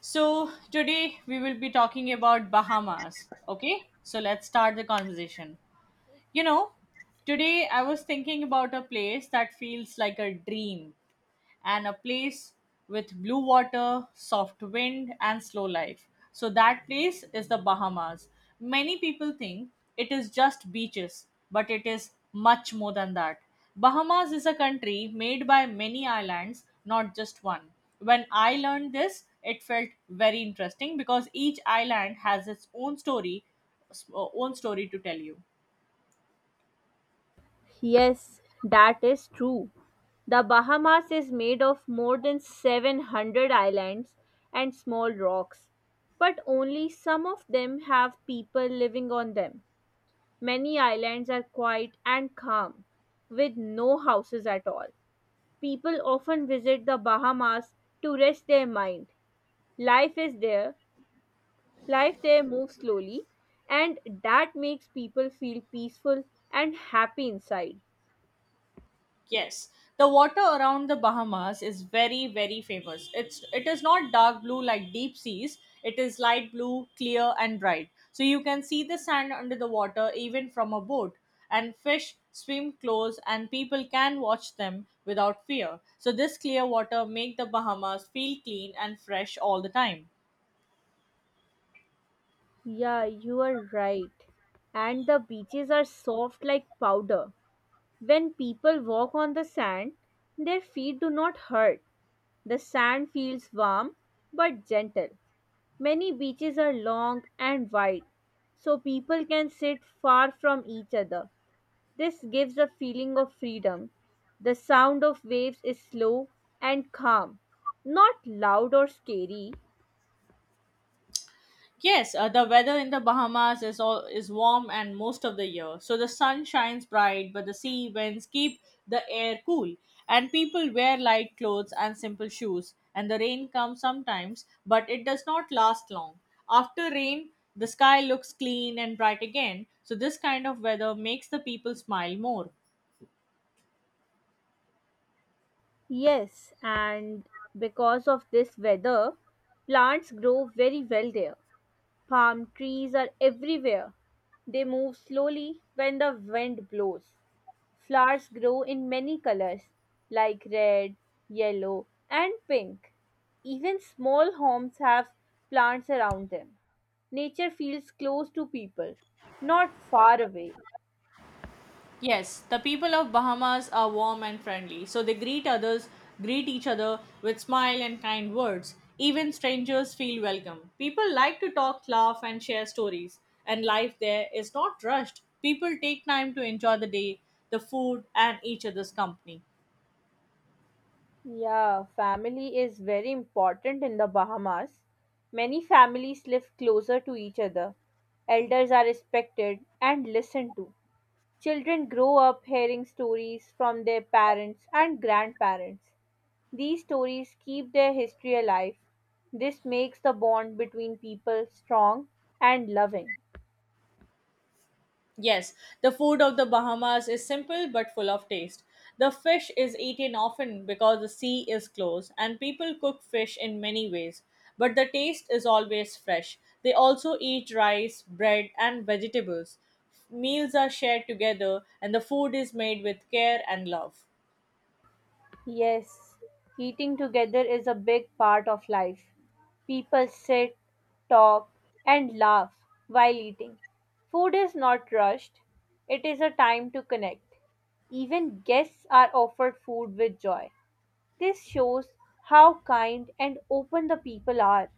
So, today we will be talking about Bahamas. Okay, so let's start the conversation. You know, today I was thinking about a place that feels like a dream and a place with blue water, soft wind, and slow life. So, that place is the Bahamas. Many people think it is just beaches, but it is much more than that. Bahamas is a country made by many islands, not just one. When I learned this, it felt very interesting because each island has its own story to tell you. Yes, that is true. The Bahamas is made of more than 700 islands and small rocks, but only some of them have people living on them. Many islands are quiet and calm, with no houses at all. People often visit the Bahamas to rest their mind. Life is there, life there moves slowly, and that makes people feel peaceful and happy inside. Yes, the water around the Bahamas is very, very famous. It is not dark blue like deep seas. It is light blue, clear and bright. So you can see the sand under the water even from a boat. And fish swim close, and people can watch them without fear. So this clear water make the Bahamas feel clean and fresh all the time. Yeah, you are right. And the beaches are soft like powder. When people walk on the sand, their feet do not hurt. The sand feels warm but gentle. Many beaches are long and wide, so people can sit far from each other. This gives a feeling of freedom. The sound of waves is slow and calm, not loud or scary. Yes, the weather in the Bahamas is all is warm and most of the year. So the sun shines bright, but the sea winds keep the air cool, and people wear light clothes and simple shoes. And the rain comes sometimes, but it does not last long. After rain, the sky looks clean and bright again. So this kind of weather makes the people smile more. Yes, and because of this weather, plants grow very well there. Palm trees are everywhere. They move slowly when the wind blows. Flowers grow in many colors like red, yellow, and pink. Even small homes have plants around them. Nature feels close to people, not far away. Yes, the people of Bahamas are warm and friendly, so they greet others, greet each other with smile and kind words. Even strangers feel welcome. People like to talk, laugh, and share stories, and life there is not rushed. People take time to enjoy the day, the food, and each other's company. Yeah, family is very important in the Bahamas. Many families live closer to each other. Elders are respected and listened to. Children grow up hearing stories from their parents and grandparents. These stories keep their history alive. This makes the bond between people strong and loving. Yes, the food of the Bahamas is simple but full of taste. The fish is eaten often because the sea is close, and people cook fish in many ways, but the taste is always fresh. They also eat rice, bread, and vegetables. Meals are shared together, and the food is made with care and love. Yes, eating together is a big part of life. People sit, talk, and laugh while eating. Food is not rushed, it is a time to connect. Even guests are offered food with joy. This shows how kind and open the people are.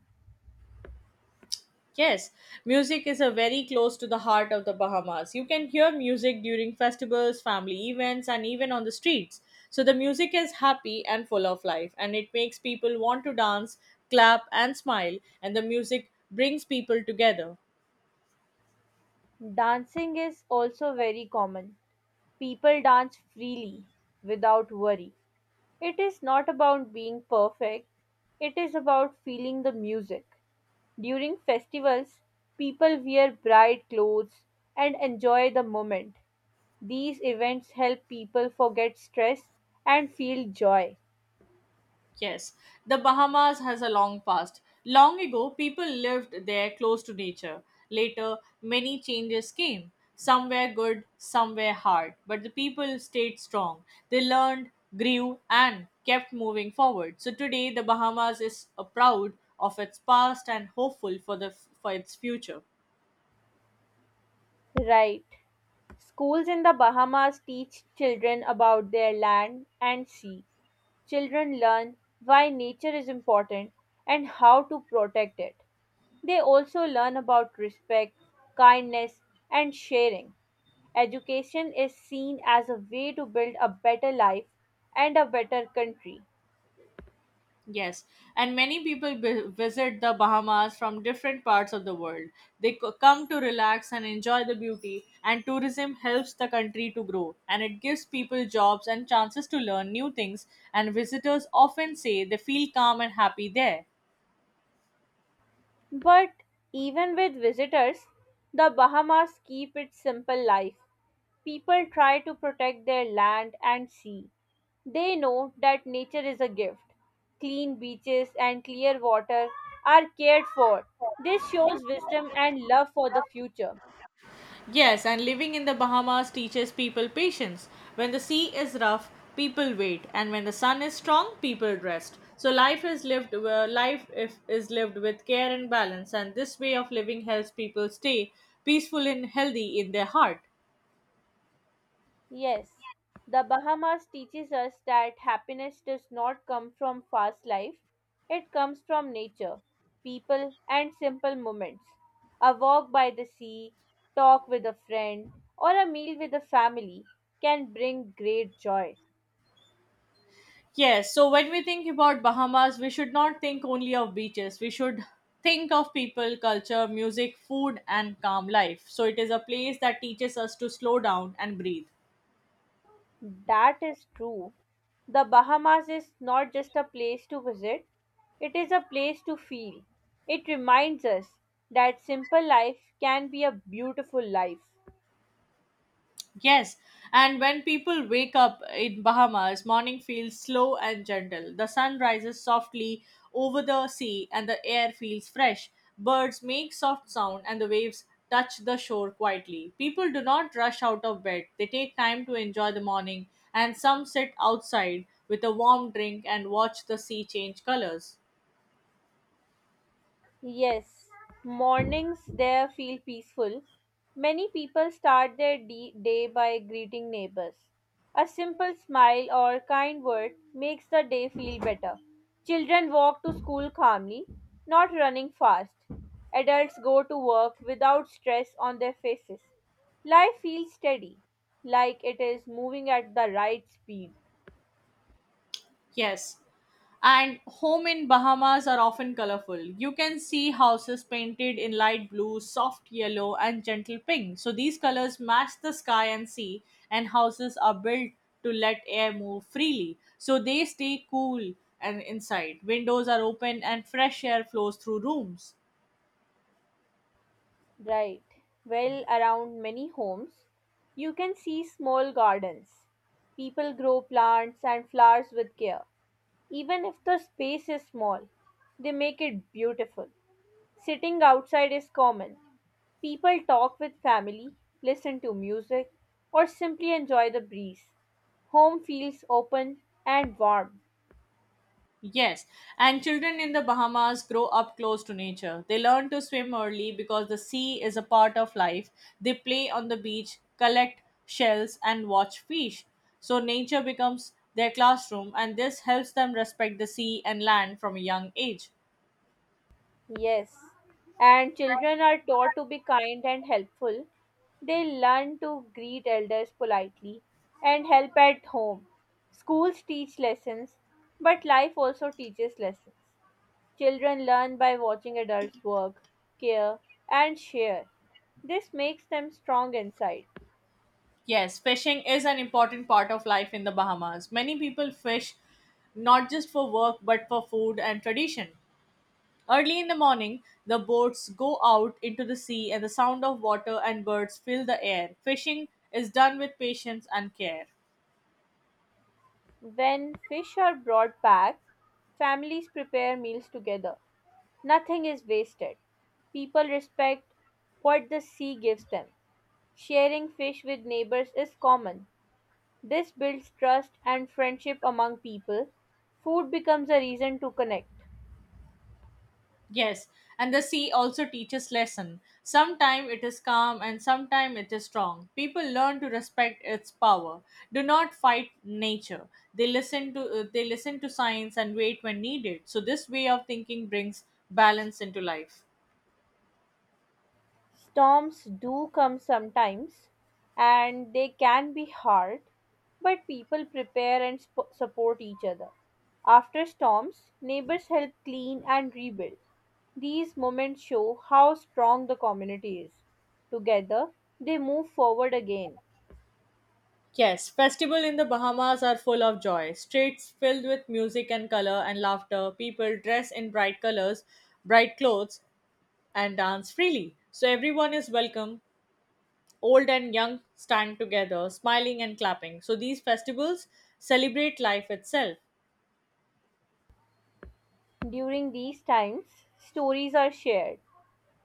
Yes, music is a very close to the heart of the Bahamas. You can hear music during festivals, family events, and even on the streets. So the music is happy and full of life, and it makes people want to dance, clap, and smile, and the music brings people together. Dancing is also very common. People dance freely without worry. It is not about being perfect, it is about feeling the music. During festivals, people wear bright clothes and enjoy the moment. These events help people forget stress and feel joy. Yes, the Bahamas has a long past. Long ago, people lived there close to nature. Later, many changes came. Some were good, some were hard, but the people stayed strong. They learned, grew, and kept moving forward. So today, the Bahamas is proud of its past and hopeful for the for its future. Right. Schools in the Bahamas teach children about their land and sea. Children learn why nature is important and how to protect it. They also learn about respect, kindness, and sharing. Education is seen as a way to build a better life and a better country. Yes, and many people visit the Bahamas from different parts of the world. They come to relax and enjoy the beauty, and tourism helps the country to grow and it gives people jobs and chances to learn new things. And visitors often say they feel calm and happy there. But even with visitors, the Bahamas keep it simple life. People try to protect their land and sea. They know that nature is a gift. Clean beaches and clear water are cared for. This shows wisdom and love for the future. Yes, and living in the Bahamas teaches people patience. When the sea is rough, people wait, and when the sun is strong, people rest. So life is lived life if, is lived with care and balance, and this way of living helps people stay peaceful and healthy in their heart. Yes, the Bahamas teaches us that happiness does not come from fast life, it comes from nature, people, and simple moments. A walk by the sea, talk with a friend, or a meal with a family can bring great joy. Yes, so when we think about Bahamas, we should not think only of beaches. We should think of people, culture, music, food, and calm life. So it is a place that teaches us to slow down and breathe. That is true. The Bahamas is not just a place to visit, it is a place to feel. It reminds us that simple life can be a beautiful life. Yes, and when people wake up in Bahamas, morning feels slow and gentle. The sun rises softly over the sea and the air feels fresh. Birds make soft sound and the waves touch the shore quietly. People do not rush out of bed. They take time to enjoy the morning and some sit outside with a warm drink and watch the sea change colors. Yes, mornings there feel peaceful. Many people start their day by greeting neighbors. A simple smile or kind word makes the day feel better. Children walk to school calmly, not running fast. Adults go to work without stress on their faces. Life feels steady, like it is moving at the right speed. Yes, and home in Bahamas are often colorful. You can see houses painted in light blue, soft yellow, and gentle pink. So these colors match the sky and sea, and houses are built to let air move freely, so they stay cool, and inside windows are open and fresh air flows through rooms. Right. Well, around many homes, you can see small gardens. People grow plants and flowers with care. Even if the space is small, they make it beautiful. Sitting outside is common. People talk with family, listen to music, or simply enjoy the breeze. Home feels open and warm. Yes, and children in the Bahamas grow up close to nature. They learn to swim early because the sea is a part of life. They play on the beach, collect shells, and watch fish. So nature becomes their classroom, and this helps them respect the sea and land from a young age. Yes, and children are taught to be kind and helpful. They learn to greet elders politely and help at home. Schools teach lessons, but life also teaches lessons. Children learn by watching adults work, care, and share. This makes them strong inside. Yes, fishing is an important part of life in the Bahamas. Many people fish not just for work but for food and tradition. Early in the morning, the boats go out into the sea and the sound of water and birds fill the air. Fishing is done with patience and care. When fish are brought back, families prepare meals together. Nothing is wasted. People respect what the sea gives them. Sharing fish with neighbors is common. This builds trust and friendship among people. Food becomes a reason to connect. Yes, and the sea also teaches lesson. Sometime it is calm and sometime it is strong. People learn to respect its power. Do not fight nature. They listen to science and wait when needed. So this way of thinking brings balance into life. Storms do come sometimes and they can be hard, but people prepare and support each other. After storms, neighbors help clean and rebuild. These moments show how strong the community is. Together, they move forward again. Yes, festival in the Bahamas are full of joy. Streets filled with music and color and laughter. People dress in bright colors, bright clothes, and dance freely. So everyone is welcome. Old and young stand together, smiling and clapping. So these festivals celebrate life itself. During these times, stories are shared.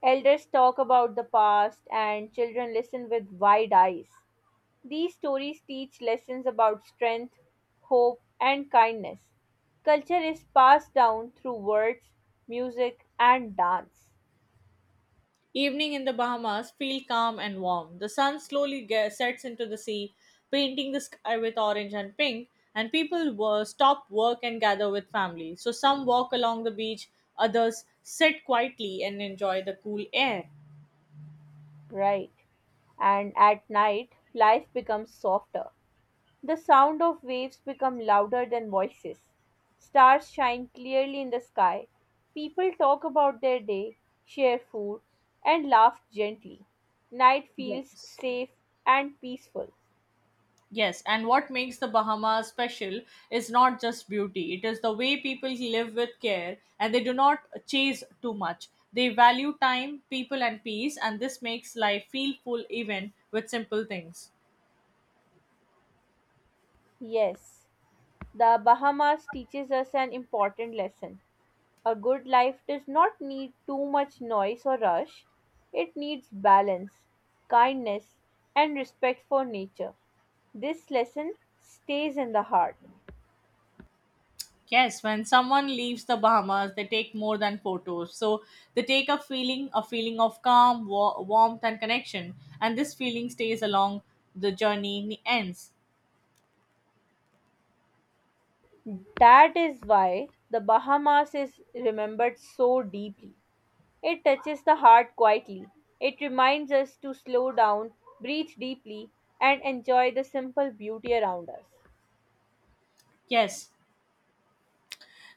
Elders talk about the past, and children listen with wide eyes. These stories teach lessons about strength, hope, and kindness. Culture is passed down through words, music, and dance. Evening in the Bahamas feel calm and warm. The sun slowly sets into the sea, painting the sky with orange and pink, and people stop work and gather with family. So some walk along the beach, others sit quietly and enjoy the cool air. Right. And at night, life becomes softer. The sound of waves become louder than voices. Stars shine clearly in the sky. People talk about their day, share food, and laugh gently. Night feels Yes. safe and peaceful. Yes, and what makes the Bahamas special is not just beauty, it is the way people live with care and they do not chase too much. They value time, people, and peace, and this makes life feel full even with simple things. Yes, the Bahamas teaches us an important lesson. A good life does not need too much noise or rush. It needs balance, kindness, and respect for nature. This lesson stays in the heart. Yes, when someone leaves the Bahamas, they take more than photos. So they take a feeling of calm, warmth, and connection. And this feeling stays along the journey ends. That is why the Bahamas is remembered so deeply. It touches the heart quietly. It reminds us to slow down, breathe deeply, and enjoy the simple beauty around us. Yes,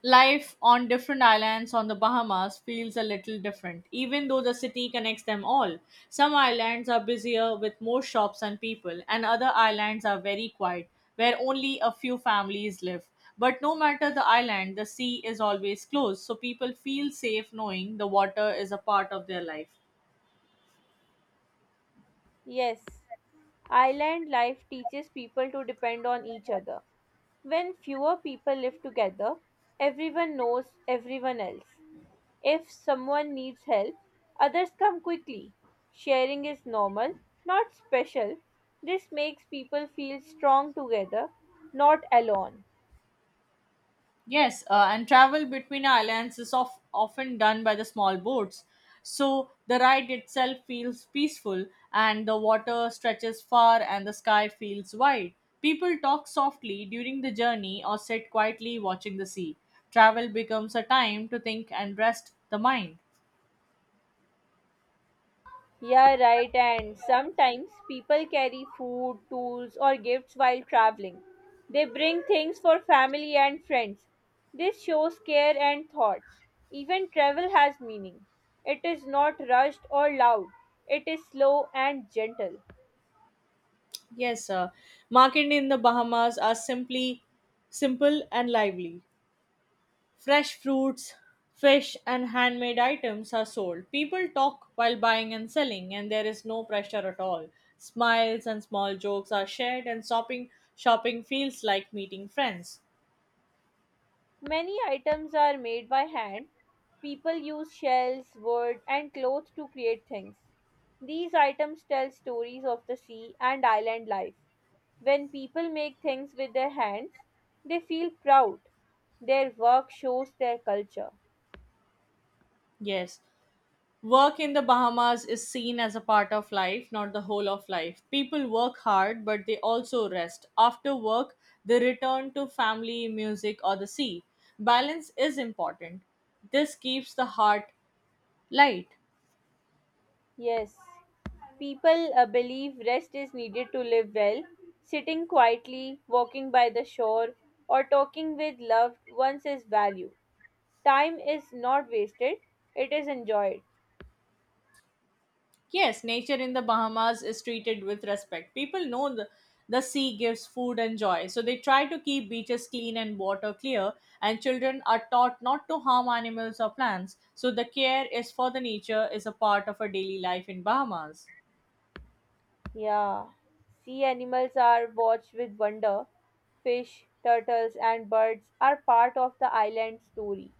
life on different islands on the Bahamas feels a little different, even though the city connects them all. Some islands are busier with more shops and people, and other islands are very quiet, where only a few families live. But no matter the island, the sea is always close, so people feel safe knowing the water is a part of their life. Yes, island life teaches people to depend on each other. When fewer people live together, everyone knows everyone else. If someone needs help, others come quickly. Sharing is normal, not special. This makes people feel strong together, not alone. Yes, and travel between islands is of, often done by the small boats. So the ride itself feels peaceful, and the water stretches far, and the sky feels wide. People talk softly during the journey or sit quietly watching the sea. Travel becomes a time to think and rest the mind. Yeah, right, and sometimes people carry food, tools, or gifts while traveling. They bring things for family and friends. This shows care and thought. Even travel has meaning. It is not rushed or loud, it is slow and gentle. Yes, market in the Bahamas are simply simple and lively. Fresh fruits, fish, and handmade items are sold. People talk while buying and selling, and there is no pressure at all. Smiles and small jokes are shared, and shopping feels like meeting friends. Many items are made by hand. People use shells, wood, and cloth to create things. These items tell stories of the sea and island life. When people make things with their hands, they feel proud. Their work shows their culture. Yes, work in the Bahamas is seen as a part of life, not the whole of life. People work hard, but they also rest. After work, they return to family, music, or the sea. Balance is important. This keeps the heart light. Yes, people believe rest is needed to live well. Sitting quietly, walking by the shore, or talking with loved ones is value. Time is not wasted, it is enjoyed. Yes, nature in the Bahamas is treated with respect. The sea gives food and joy, so they try to keep beaches clean and water clear, and children are taught not to harm animals or plants, so the care is for the nature is a part of a daily life in Bahamas. Yeah. Sea animals are watched with wonder. Fish, turtles, and birds are part of the island story.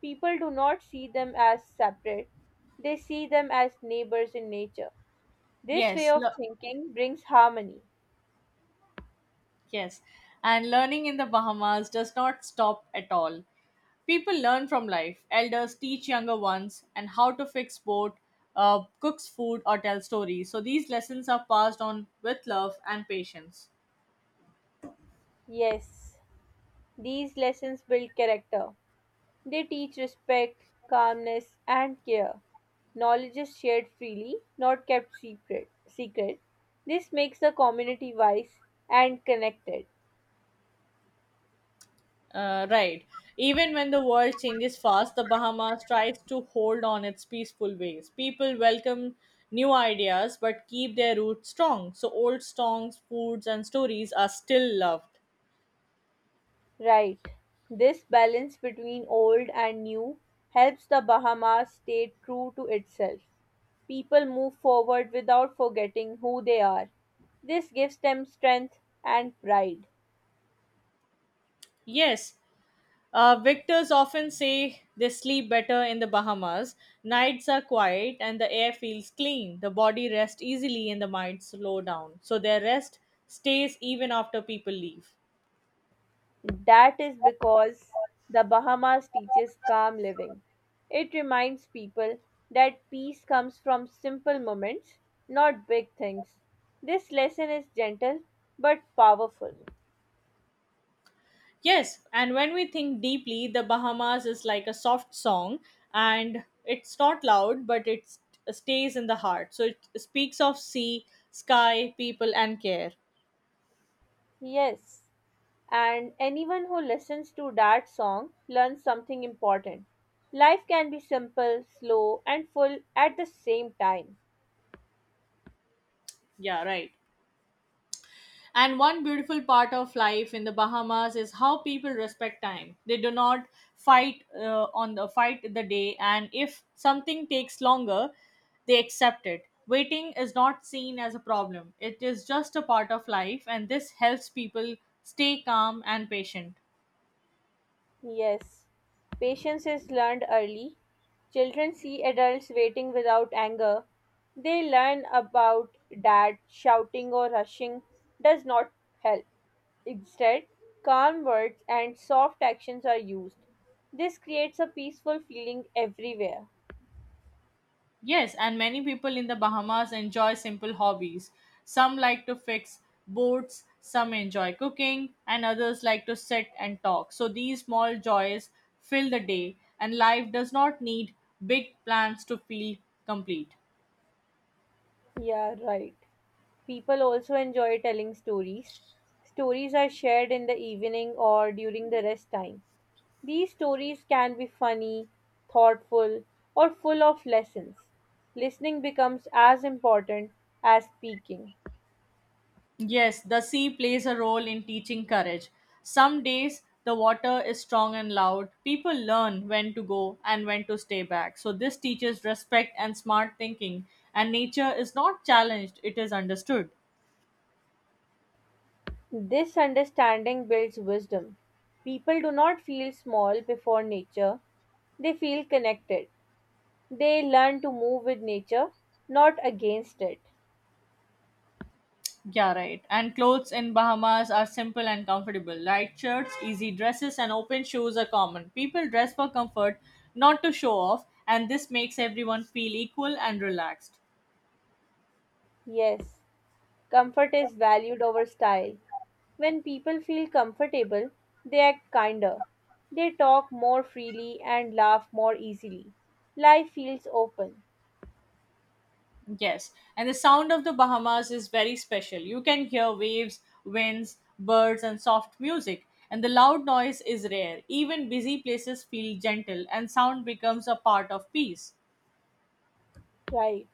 People do not see them as separate, they see them as neighbors in nature. This way Yes, of le- thinking brings harmony. yes. And learning in the Bahamas does not stop at all. People learn from life. Elders teach younger ones and how to fix boat, cooks food, or tell stories. So these lessons are passed on with love and patience. Yes, these lessons build character. They teach respect, calmness, and care. Knowledge is shared freely, not kept secret. This makes the community wise and connected. Right. Even when the world changes fast, the Bahamas tries to hold on its peaceful ways. People welcome new ideas but keep their roots strong. So old songs, foods, and stories are still loved. Right. This balance between old and new helps the Bahamas stay true to itself. People move forward without forgetting who they are. This gives them strength and pride. Yes, victors often say they sleep better in the Bahamas. Nights are quiet and the air feels clean. The body rests easily and the mind slow down. So their rest stays even after people leave. That is because the Bahamas teaches calm living. It reminds people that peace comes from simple moments, not big things. This lesson is gentle but powerful. Yes, and when we think deeply, the Bahamas is like a soft song and it's not loud, but it stays in the heart. So it speaks of sea, sky, people, and care. Yes, and anyone who listens to that song learns something important. Life can be simple, slow, and full at the same time. Yeah, right. And one beautiful part of life in the Bahamas is how people respect time. They do not fight the day, and if something takes longer, they accept it. Waiting is not seen as a problem. It is just a part of life, and this helps people stay calm and patient. Yes, patience is learned early. Children see adults waiting without anger. They learn about that shouting or rushing does not help. Instead, calm words and soft actions are used. This creates a peaceful feeling everywhere. Yes, and many people in the Bahamas enjoy simple hobbies. Some like to fix boats, some enjoy cooking, and others like to sit and talk. So these small joys fill the day, and life does not need big plans to feel complete. Yeah, right. People also enjoy telling stories. Stories are shared in the evening or during the rest time. These stories can be funny, thoughtful, or full of lessons. Listening becomes as important as speaking. Yes, the sea plays a role in teaching courage. Some days the water is strong and loud. People learn when to go and when to stay back. So, this teaches respect and smart thinking. And nature is not challenged, it is understood. This understanding builds wisdom. People do not feel small before nature, they feel connected. They learn to move with nature, not against it. Yeah, right. And clothes in Bahamas are simple and comfortable. Light shirts, easy dresses, and open shoes are common. People dress for comfort, not to show off, and this makes everyone feel equal and relaxed. Yes, comfort is valued over style. When people feel comfortable, they act kinder. They talk more freely and laugh more easily. Life feels open. Yes, and the sound of the Bahamas is very special. You can hear waves, winds, birds, and soft music, and the loud noise is rare. Even busy places feel gentle, and sound becomes a part of peace. Right.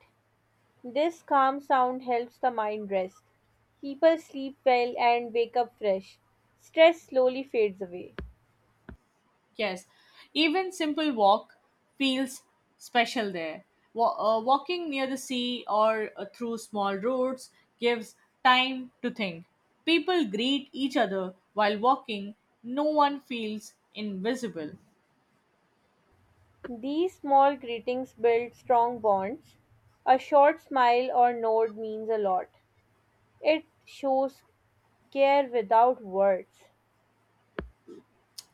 This calm sound helps the mind rest. People sleep well and wake up fresh. Stress slowly fades away. Yes, even simple walk feels special there. Walking near the sea or through small roads gives time to think. People greet each other while walking. No one feels invisible. These small greetings build strong bonds. A short smile or nod means a lot. It shows care without words.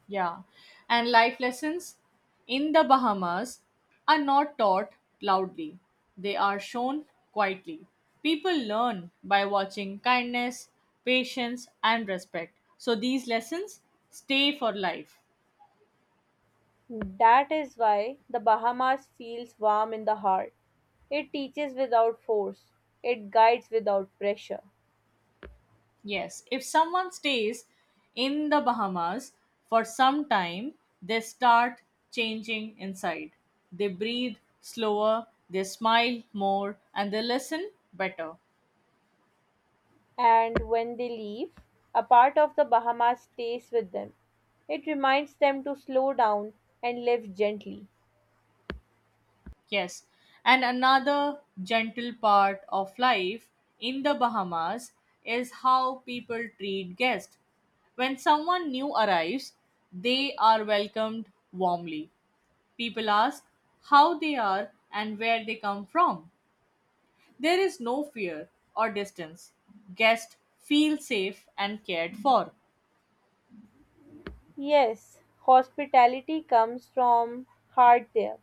Yeah. And life lessons in the Bahamas are not taught loudly, they are shown quietly. People learn by watching kindness, patience, and respect. So these lessons stay for life. That is why the Bahamas feels warm in the heart. It teaches without force, it guides without pressure. Yes, if someone stays in the Bahamas for some time, they start changing inside. They breathe slower, they smile more, and they listen better. And when they leave, a part of the Bahamas stays with them. It reminds them to slow down and live gently. Yes, and another gentle part of life in the Bahamas is how people treat guests. When someone new arrives, they are welcomed warmly. People ask how they are and where they come from. There is no fear or distance. Guests feel safe and cared for. Yes, hospitality comes from heart there.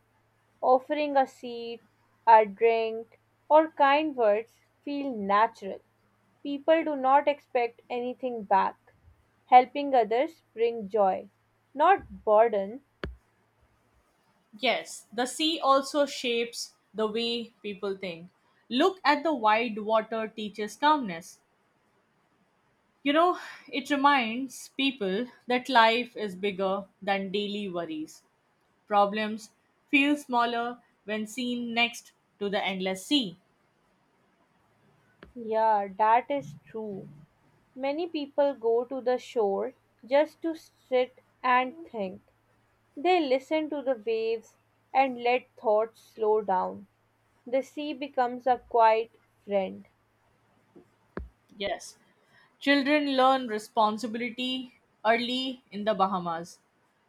Offering a seat, a drink, or kind words feel natural. People do not expect anything back. Helping others bring joy, not burden. Yes, the sea also shapes the way people think. Look at the wide water teaches calmness. You know, it reminds people that life is bigger than daily worries. Problems feel smaller when seen next to the endless sea. Yeah, that is true. Many people go to the shore just to sit and think. They listen to the waves and let thoughts slow down. The sea becomes a quiet friend. Yes, children learn responsibility early in the Bahamas.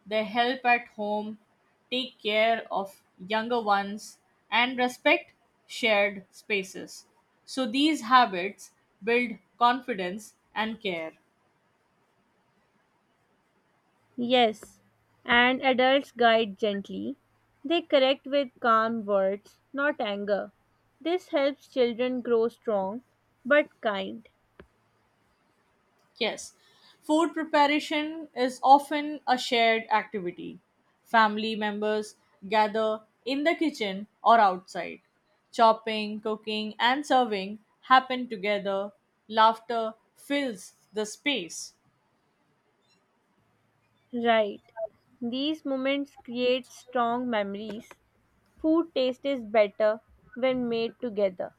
They help at home, take care of younger ones, and respect shared spaces. So these habits build confidence and care. Yes, and adults guide gently. They correct with calm words, not anger. This helps children grow strong but kind. Yes, food preparation is often a shared activity. Family members gather in the kitchen or outside. Chopping, cooking, and serving happen together. Laughter fills the space. Right. These moments create strong memories. Food taste is better when made together.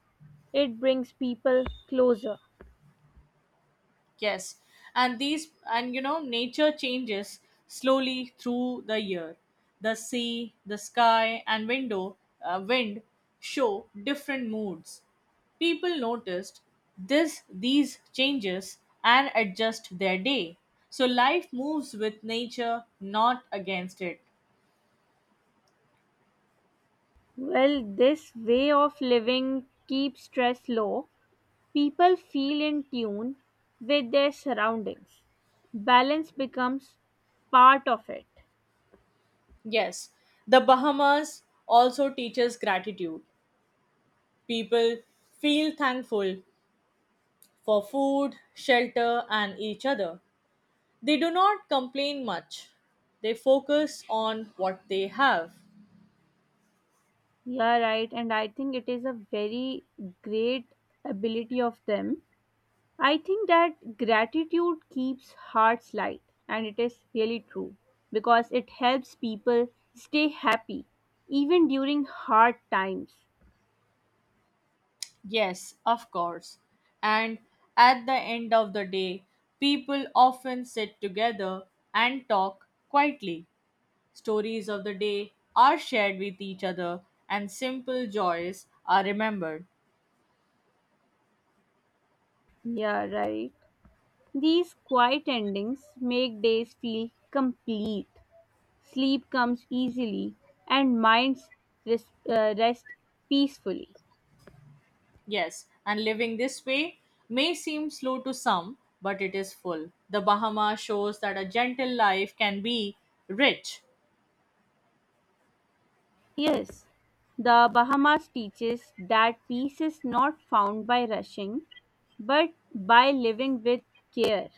It brings people closer. Yes, and these and you know nature changes slowly through the year. The sea, the sky, and wind show different moods. People noticed this these changes and adjust their day. So life moves with nature, not against it. Well, this way of living keeps stress low people feel in tune with their surroundings. Balance becomes part of it. Yes, the Bahamas also teaches gratitude. People feel thankful for food, shelter, and each other. They do not complain much. They focus on what they have. Yeah, right. And I think it is a very great ability of them. I think that gratitude keeps hearts light, and it is really true because it helps people stay happy even during hard times. Yes, of course. And at the end of the day, people often sit together and talk quietly. Stories of the day are shared with each other, and simple joys are remembered. Yeah, right. These quiet endings make days feel complete. Sleep comes easily, and minds rest peacefully. Yes, and living this way may seem slow to some, but it is full. The Bahama shows that a gentle life can be rich. Yes, the Bahamas teaches that peace is not found by rushing, but by living with care.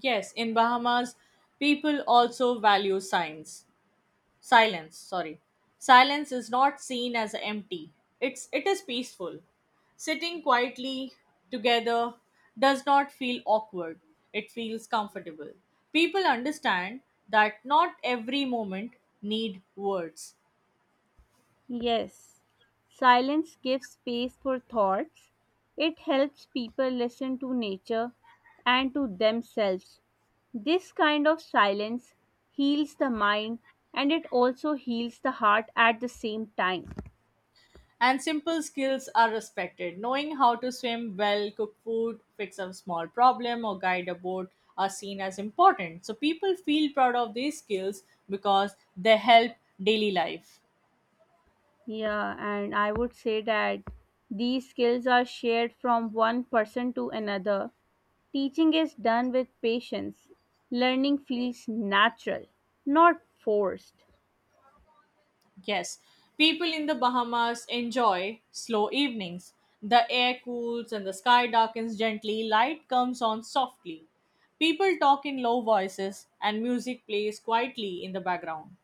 Yes, in Bahamas, people also value signs. Silence, sorry. Silence is not seen as empty. It is peaceful. Sitting quietly together does not feel awkward. It feels comfortable. People understand that not every moment need words. Yes, silence gives space for thoughts. It helps people listen to nature and to themselves. This kind of silence heals the mind and it also heals the heart at the same time. And simple skills are respected. Knowing how to swim well, cook food, fix a small problem, or guide a boat are seen as important. So people feel proud of these skills because they help daily life. Yeah, and I would say that these skills are shared from one person to another. Teaching is done with patience. Learning feels natural, not forced. Yes, people in the Bahamas enjoy slow evenings. The air cools and the sky darkens gently, light comes on softly. People talk in low voices, and music plays quietly in the background.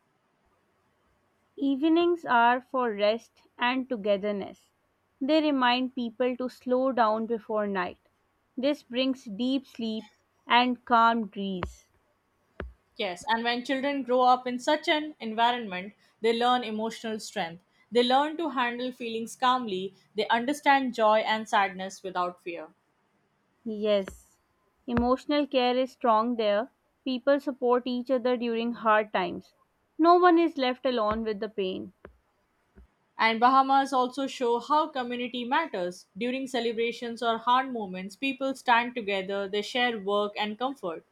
Evenings are for rest and togetherness. They remind people to slow down before night. This brings deep sleep and calm breeze. Yes, and when children grow up in such an environment, they learn emotional strength. They learn to handle feelings calmly, they understand joy and sadness without fear. Yes, emotional care is strong there. People support each other during hard times. No one is left alone with the pain. And Bahamas also show how community matters. During celebrations or hard moments, people stand together, they share work and comfort.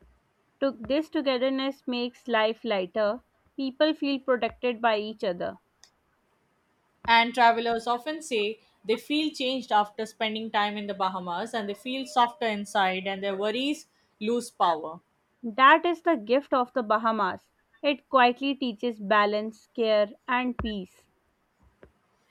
This togetherness makes life lighter. People feel protected by each other. And travelers often say they feel changed after spending time in the Bahamas and they feel softer inside and their worries lose power. That is the gift of the Bahamas. It quietly teaches balance, care, and peace.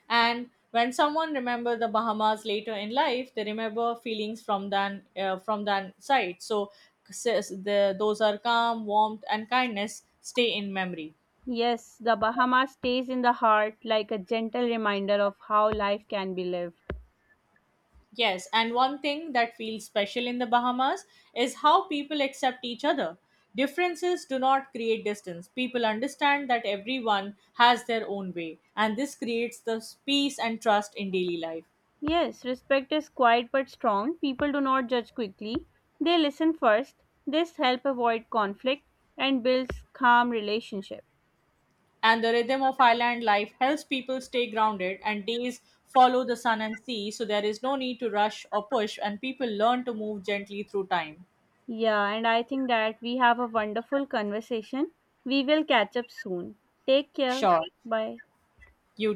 And when someone remembers the Bahamas later in life, they remember feelings from that side. So says the, those are calm, warmth, and kindness stay in memory. Yes, the Bahamas stays in the heart like a gentle reminder of how life can be lived. Yes, and one thing that feels special in the Bahamas is how people accept each other. Differences do not create distance. People understand that everyone has their own way, and this creates the peace and trust in daily life. Yes, respect is quiet but strong. People do not judge quickly. They listen first. This help avoid conflict and builds calm relationship. And the rhythm of island life helps people stay grounded, and days follow the sun and sea, so there is no need to rush or push, and people learn to move gently through time. Yeah, and I think that we have a wonderful conversation. We will catch up soon. Take care. Sure. Bye. You